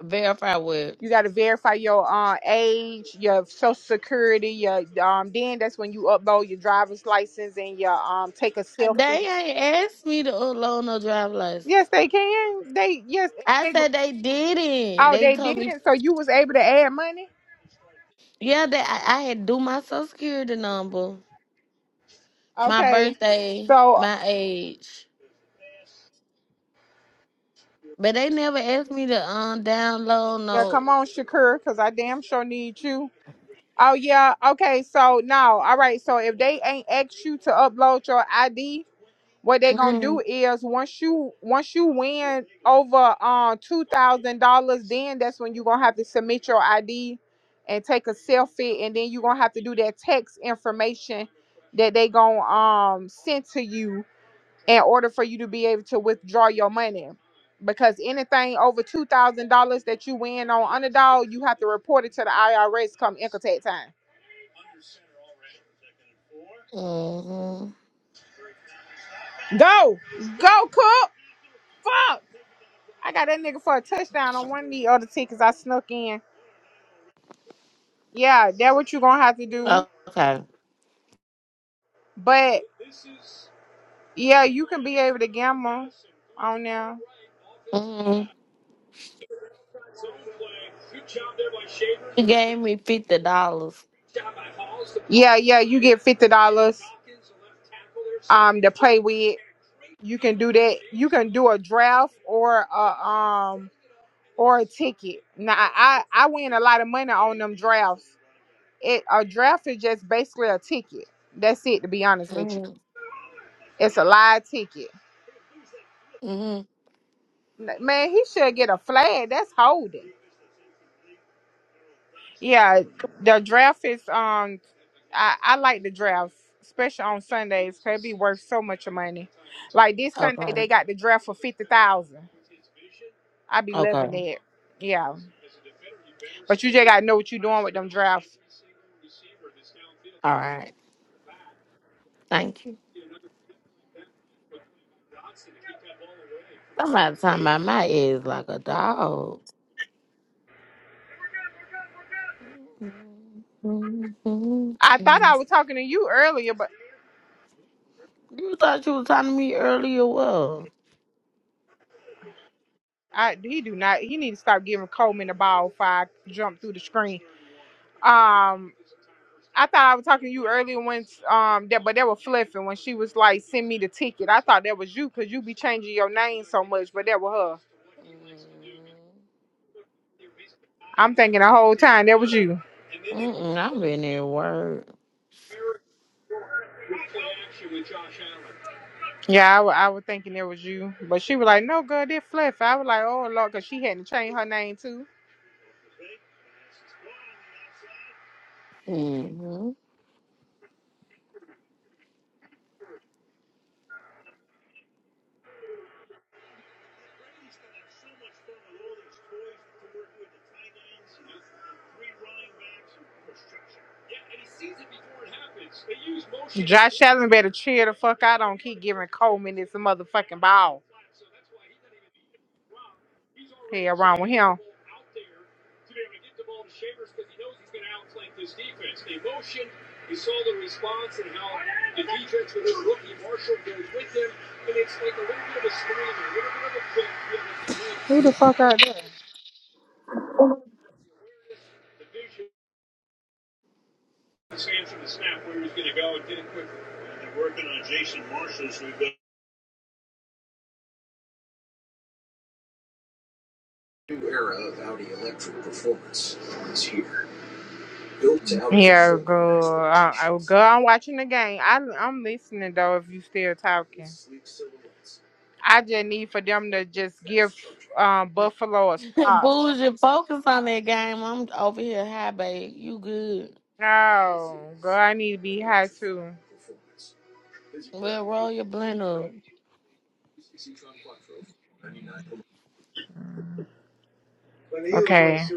Verify what?
You got to verify your uh, age, your social security, your um. Then that's when you upload your driver's license and your um. Take a selfie.
They ain't asked me to upload no driver
Yes,
license.
they can. They yes.
I
They,
said they didn't.
oh,
They
they
told me,
didn't. So you was able to add money.
yeah, that I, I had to do my social security number, my
Okay.
birthday,
So
my age, but they never asked me to um download
yeah,
no.
come on, Shakur, because I damn sure need you. Oh yeah. Okay. So no. All right. So if they ain't asked you to upload your ID, what they gonna
Mm-hmm.
do is once you once you win over um two thousand dollars, then that's when you gonna have to submit your ID and take a selfie, and then you gonna have to do that text information that they gonna um send to you in order for you to be able to withdraw your money. Because anything over two thousand dollars that you win on underdog, you have to report it to the IRS come income tax time.
Mm-hmm.
Go, go, cook. Fuck, I got that nigga for a touchdown on one of the other tickets I snuck in. Yeah, that what you gonna have to do.
Okay.
But yeah, you can be able to gamble on now.
Mm-hmm. You gave me fifty dollars.
Yeah, yeah, you get fifty dollars um to play with. You can do that. You can do a draft or a um or a ticket. Now I I I win a lot of money on them drafts. It a draft is just basically a ticket. That's it. To be honest with you,
Mm-hmm.
it's a live ticket.
Mm-hmm.
N- Man, he should get a flag. That's holding. Yeah, the draft is um. I I like the draft, especially on Sundays. Cause it be worth so much money. Like this Sunday, they
Okay.
got the draft for fifty thousand. I be loving
Okay. All
that. Yeah. But you just gotta know what you're doing with them drafts.
right. Thank you. Somebody talking about my ears like a dog. You
I thought I was talking to you earlier, but
thought you was talking to me earlier, well.
I he do not. He need to stop giving Coleman the ball if I jump through the screen. Um, I thought I was talking to you earlier when um that, but they were flipping when she was like, "Send me the ticket." I thought that was you because you be changing your name so much, but that was her. I'm thinking the whole time that was you.
Mm-mm, I've been there, word.
Yeah, I wa- I was thinking that was you, but she was like, "No, girl, that fliff." I was like, "Oh Lord," because she hadn't changed her name too.
Mm-hmm.
Allen better cheer the fuck out. Don't this Who the fuck out there? Yeah, go. Uh, I go. I'm watching the game. I, I'm listening though. If you still talking, I just need for them to just give um, Buffalo a stop.
Bougie, focus on that game. I'm over here high, babe. You good.
No, girl, I need to be high too.
Well, roll your blend up.
Okay.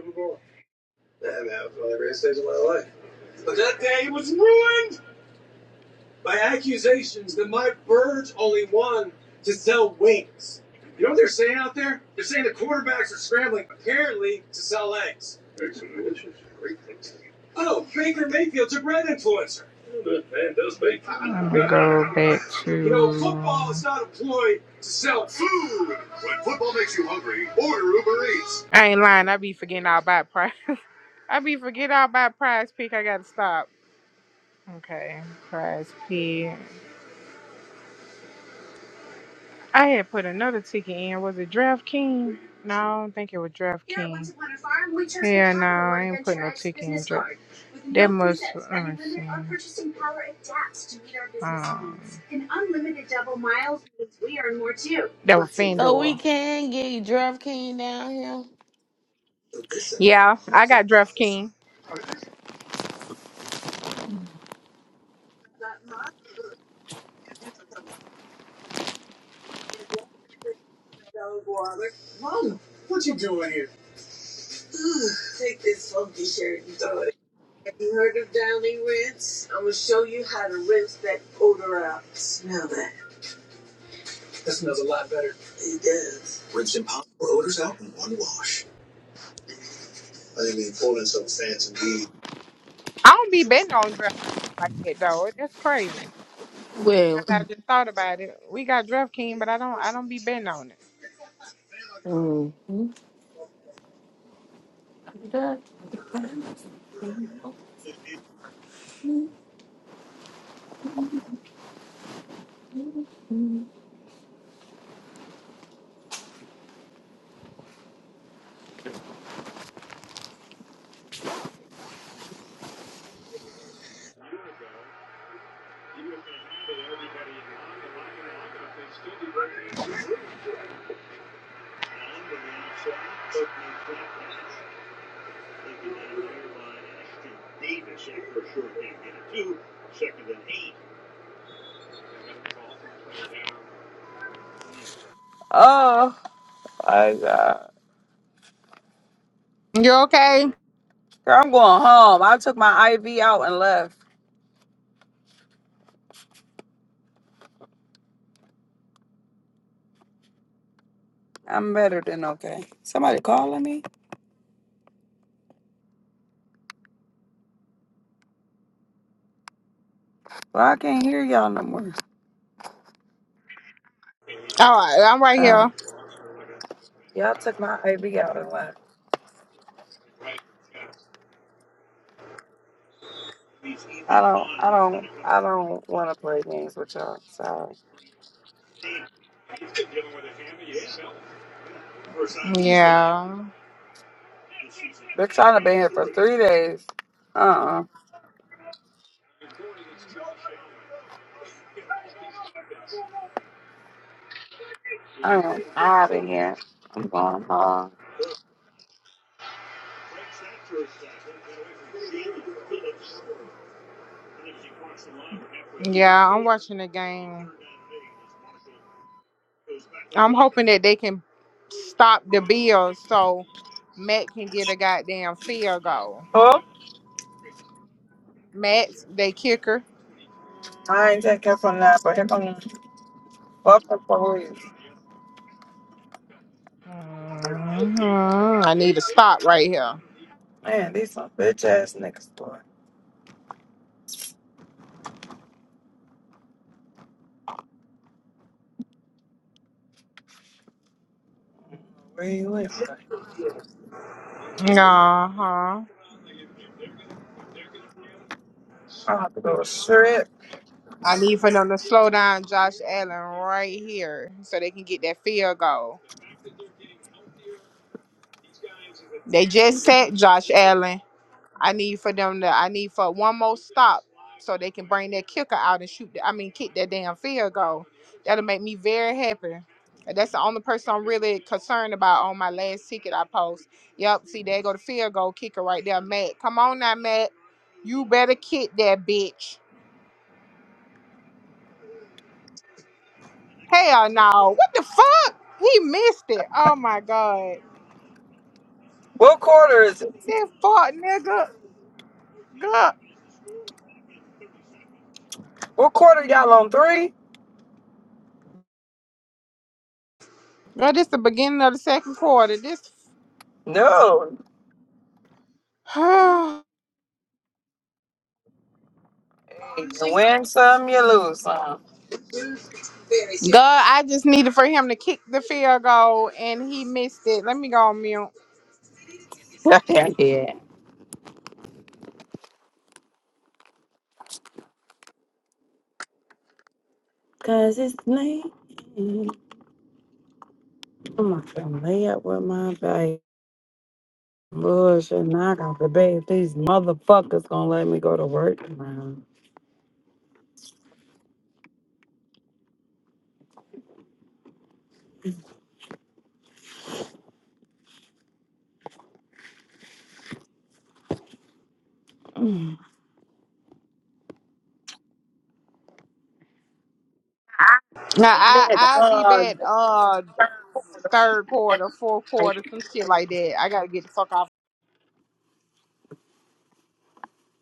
by accusations that my birds only won to sell wings. You know what they're saying out there? They're saying the quarterbacks are scrambling, apparently, to sell eggs. Eggs and relish great thing to eat. Oh, Baker Mayfield's a bread influencer. That man does make. I'm gonna go back to... You know, football is not employed to sell food. When football makes you hungry, order Uber Eats. I ain't lying. I be forgetting all about prize. I be forgetting all about prize pick. I gotta stop. Okay, prize pick. I had put another ticket in. Was it DraftKings? No, I don't think it was DraftKings. Yeah, no, I ain't put no ticket in Draft. That must. Let me see. Um, that was
So we
FanDuel.
can get DraftKings down here.
Yeah, I got DraftKings. I don't be betting on DraftKings like that though. That's crazy.
Well,
I just thought about it. We got DraftKings, but I don't. I don't be betting on it.
mm
Oh. I, uh,
You okay?
girl, I'm going home. I took my IV out and left. I'm better than okay. Somebody calling me? Well, I can't hear y'all no more.
All right, I'm right
Uh,
here.
y'all took my IV out and left. I don't, I don't, I don't want to play games with y'all. Sorry.
Yeah,
They're trying to be here for three days. Uh-uh. I am out of here. I'm going home.
yeah, I'm watching the game. I'm hoping that they can stop the Bills so Matt can get a goddamn field goal.
Oh,
Matt's they kicker.
I ain't taking from that, but here come the fucking police.
Mhm, I need to stop right here.
Man, these some bitch ass niggas, boy. Where Really? boy.
Uh huh.
I have to go straight
I need for them to slow down Josh Allen right here so they can get that field goal. They just sacked Josh Allen. I need for them to. I need for one more stop so they can bring that kicker out and shoot. The, I mean, kick that damn field goal. That'll make me very happy. And That's the only person I'm really concerned about on my last ticket I post. Yep, see there go the field goal kicker right there, Matt. Come on now, Matt. You better kick that bitch. Hell no. What the fuck? He missed it. Oh my god.
What quarter is it?
That fuck nigga. God.
What quarter y'all on three?
Girl, this the beginning of the second quarter. This
No. Hey, you win some, you lose some.
God, I just needed for him to kick the field goal and he missed it. Let me go on mute.
yeah. Cause it's late. I'm not gonna lay up with my baby. Bullshit, now I got to debate these motherfuckers gonna let me go to work tomorrow. I
Now
see
I
that
I'll be
uh the
back
third
uh
quarter. second
third
quarter,
quarter, fourth
like,
quarter, some shit like that. I gotta get the fuck off.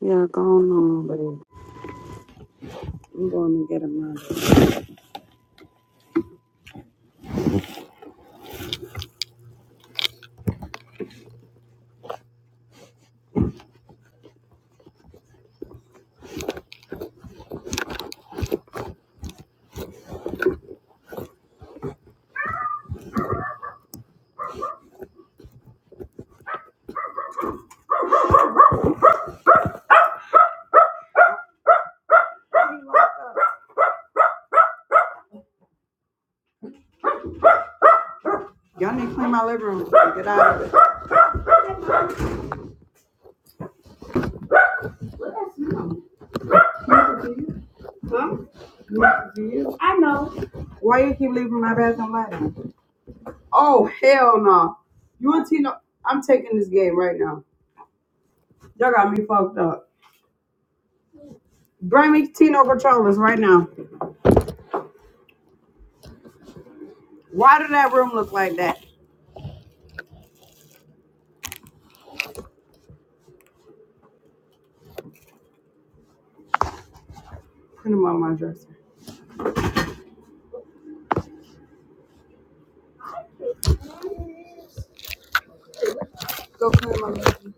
Yeah, go on baby. I'm going to get a mother. Y'all need to clean my living room. Why you keep leaving my bathroom light on? Oh hell no! You and Tino, I'm taking this game right now. Y'all got me fucked up. Bring me Tino controllers right now. Why did that room look like that? Put him on my dresser. Go put him on my dresser.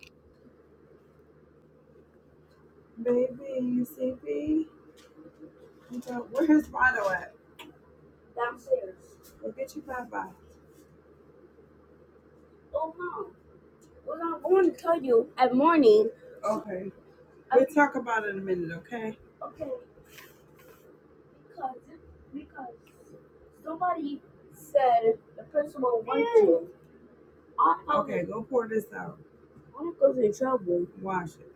Baby, you see me? You got- Where his bottle at? Go get your bye bye. Okay. We'll talk about it in a minute, okay? Okay, go pour this out. Wash it.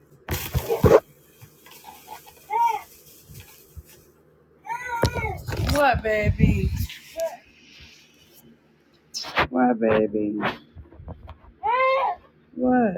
What?